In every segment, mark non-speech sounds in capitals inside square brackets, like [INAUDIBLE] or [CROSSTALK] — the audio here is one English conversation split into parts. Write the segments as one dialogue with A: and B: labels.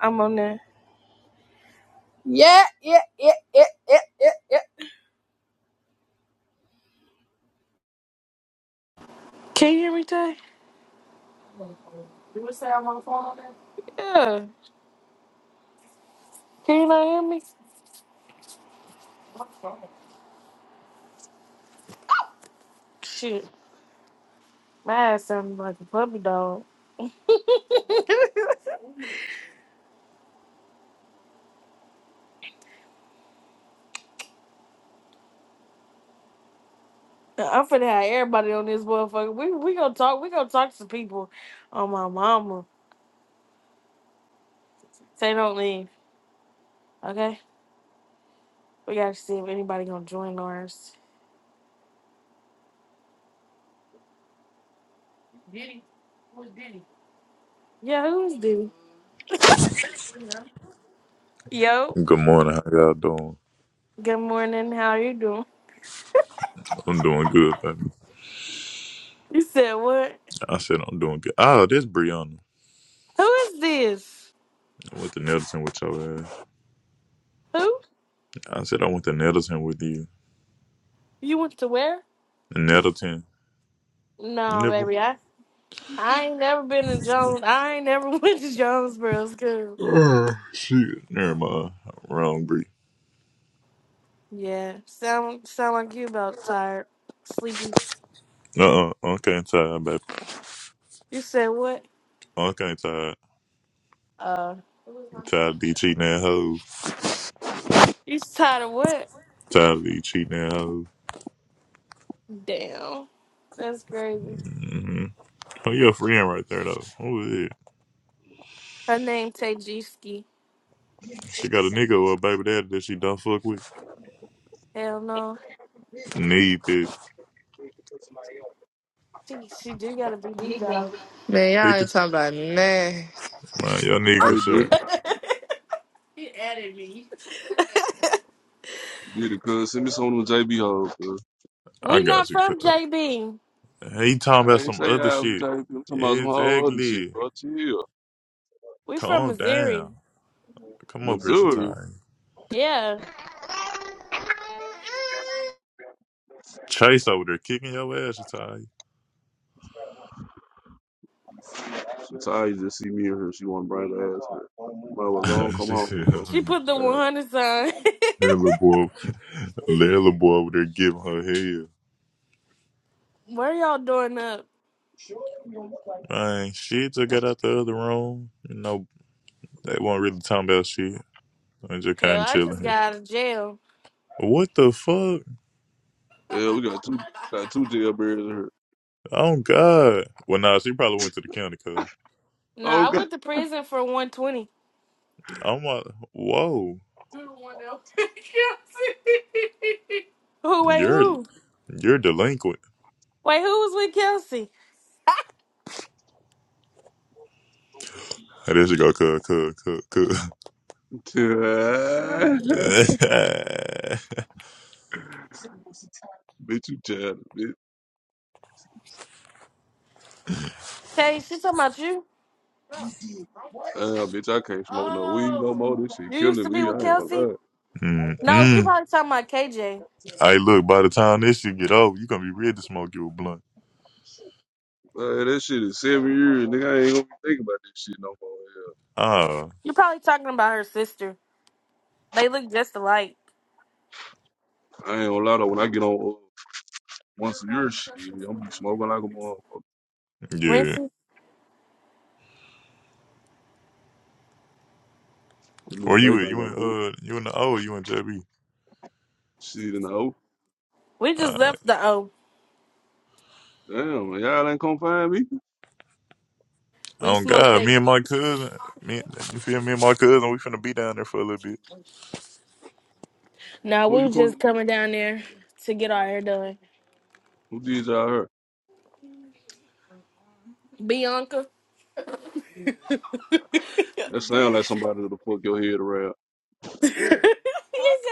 A: I'm on there. Can you hear me, Tay? Yeah. Can you not hear me? Shit. My ass sounded like a puppy dog. [LAUGHS] I'm finna have everybody on this motherfucker. We we gonna talk. We gonna talk to people on my mama. Say don't leave, okay? We gotta see if anybody gonna join ours. Yeah, who is this? Yo.
B: Good morning. How y'all doing?
A: Good morning. How you doing?
B: I'm doing good, baby.
A: You said what?
B: I said I'm doing good. Oh, this Brianna.
A: Who is this?
B: I went to Nettleton with your ass.
A: Who?
B: I said I went to Nettleton with you.
A: You went to where?
B: Nettleton. You
A: No,
B: never
A: baby. I ain't never been to Jones. I ain't never [LAUGHS] went to Jonesboro school.
B: shit. Never mind. Wrong Bree.
A: Yeah, sound sound like you about tired, sleepy.
B: Uh uh. Uncle ain't tired, baby.
A: You said what?
B: Uncle ain't tired.
A: Uh,
B: Tired of these cheating that hoe.
A: you tired of what?
B: Tired of these cheating that hoe.
A: Damn, that's crazy.
B: Mm-hmm. Who your friend right there though? Who is it?
A: Her name Tajewski.
B: She got a nigga or a baby daddy that she don't fuck with.
A: Hell no,
B: Need this.
A: she she do gotta be D though.
C: Man, y'all ain't
B: Niggas.
C: talking about me.
B: Man, your nigga, sir.
A: [LAUGHS]
D: Get it, cuz. Send me some of them JB hoes, cuz.
B: I
A: we not
B: got you, cuz.
A: from JB.
B: He talking
D: I
B: about
D: ain't
B: some
D: say
B: other
D: I'm
B: shit.
D: JB. I'm talking about some whole other shit,
B: Exactly.
D: bro. Chill.
A: We from
B: Calm
A: Missouri.
B: down. Come up here,
D: Missouri.
B: Shatai.
A: Yeah,
B: Chase over there kicking your ass, Shatai.
D: She tired to just see me and her. She want to bring her ass here. Might as well go on,
B: [LAUGHS]
D: come
B: she
D: home,
B: said,
D: bro.
A: she
B: honey.
A: put the one
D: Alright.
A: hundred sign. [LAUGHS]
B: That little boy, that little boy over there giving her hell.
A: What are y'all doing up?
B: Man, she just got out the other room. You know, they weren't really talking about shit. I'm just
A: Hell,
B: kind of
A: I
B: chilling
A: just
B: here.
A: got out of jail.
B: What the fuck?
D: Yeah, we got two got two jailbirds in her.
B: Oh, God. Well, nah, she probably went to the county, cuz.
D: Oh,
A: Nah, I
D: God.
A: went to prison for one twenty.
B: I'm like, whoa.
A: Who? Wait,
D: [LAUGHS]
B: You're,
A: who?
B: you're delinquent.
A: Wait, who was with Kelsey?
B: Hey, There she go, cuz, cuz, cuz, cuz.
D: bitch,
A: Hey, where me at the bank?
B: [LAUGHS]
D: you tired, bitch.
A: Tay, she talking about you.
D: Uh, bitch, I can't smoke no weed no more. This shit
A: You used
D: killing
A: to be
D: me.
A: with
D: I ain't gonna
A: Kelsey?
D: lie.
A: No, she
B: Mm-mm.
A: probably talking about KJ.
B: Hey, look, by the time this shit get over, you gonna be ready to smoke your blunt.
D: Uh, that shit is seven years, nigga. I ain't gonna think about this shit no more. Yeah.
B: Ah,
A: you probably talking about her sister. They look just alike.
D: I ain't gonna lie though. When I get on, Once a year, shit, I'm gonna be smoking like a motherfucker.
B: yeah.
A: Rincy,
D: This
B: Where
D: little
B: you
D: vape
B: at?
D: ain't
B: You in
D: gonna do it.
B: uh you in the O, you in JB.
D: Shit in the hole.
A: we just
B: Alright.
A: left the O.
D: Damn, and y'all ain't come find me.
A: We
B: Oh
A: smoked
B: god,
A: that.
B: me and my cousin me you feel me and my cousin, we finna be down there for a little bit.
A: No,
D: Who
A: we
D: you
A: was
D: come?
A: just coming down there to get our hair done.
D: Who did y'all hurt?
A: Bianca.
D: That sound like somebody to fuck your head around.
A: [LAUGHS] you said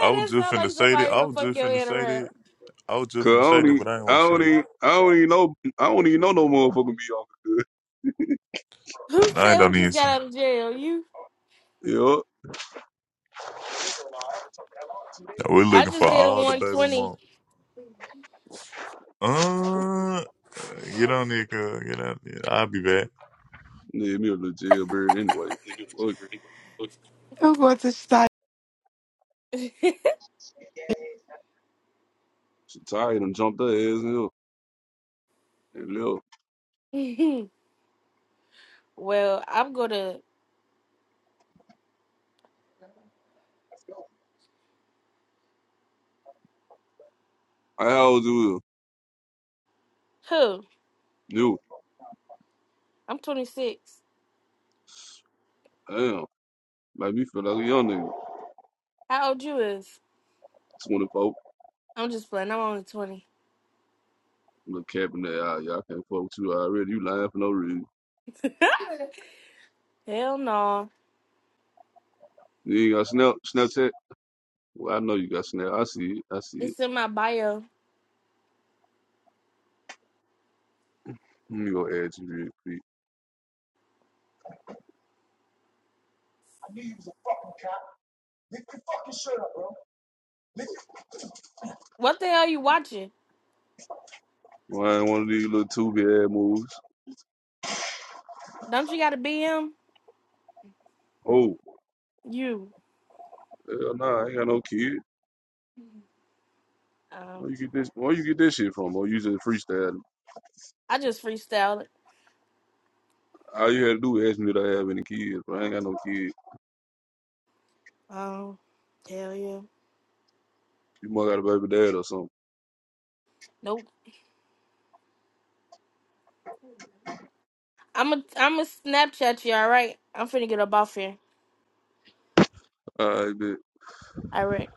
B: I was just
A: sound
B: finna
A: like
B: say that.
A: somebody
B: I
A: to
B: was
A: fuck
B: just
A: your
B: finna
A: head
B: say
A: around.
B: that. I was just
D: Cause I
B: finna say
D: don't
B: that,
D: even,
B: but I ain't wanna
D: I
B: say
D: don't
B: it.
D: even, I don't even know, I don't even know no motherfucker
A: Who
B: No, I ain't
A: said who
B: don't even
A: just
B: say
A: got out of jail? You?
D: be on.
B: We're
A: I
B: looking for
A: just did a
B: all the baby mom. Uh get on there, girl. Get on there. I'll be back.
D: Yeah, need me a little jailbird anyway. Fuck,
E: I'm going to stop.
A: 120.
D: she tired and jumped her ass in here. And look,
A: [LAUGHS] well, I'm gonna.
D: I always do
A: Who?
D: You,
A: I'm 26.
D: damn, make me feel like a young nigga.
A: How old you is?
D: 24,
A: I'm just playing. I'm only 20.
D: little cap in that eye. Y'all can't fuck with you already. You lying for no reason.
A: [LAUGHS] Hell no.
D: You got Snell, Snell Tech? Well, I know you got Snell. I see it. I see it.
A: It's in my bio.
D: Let me go add you real quick.
A: What the hell you watching?
D: Why ain't one of these little two big ass moves?
A: Don't you got a BM?
D: Oh,
A: You.
D: hell nah, I ain't got no kid.
A: Um,
D: Where you get this? Where you get this shit from? Or you just freestyle?
A: I just freestyled it.
D: All you had to do was ask me if I have any kids, but I ain't got no kids.
A: Oh, hell yeah.
D: You must got a baby dad or something.
A: Nope. I'm a, I'm a Snapchat you, alright? I'm finna get up off here.
D: All right, bitch.
A: Alright.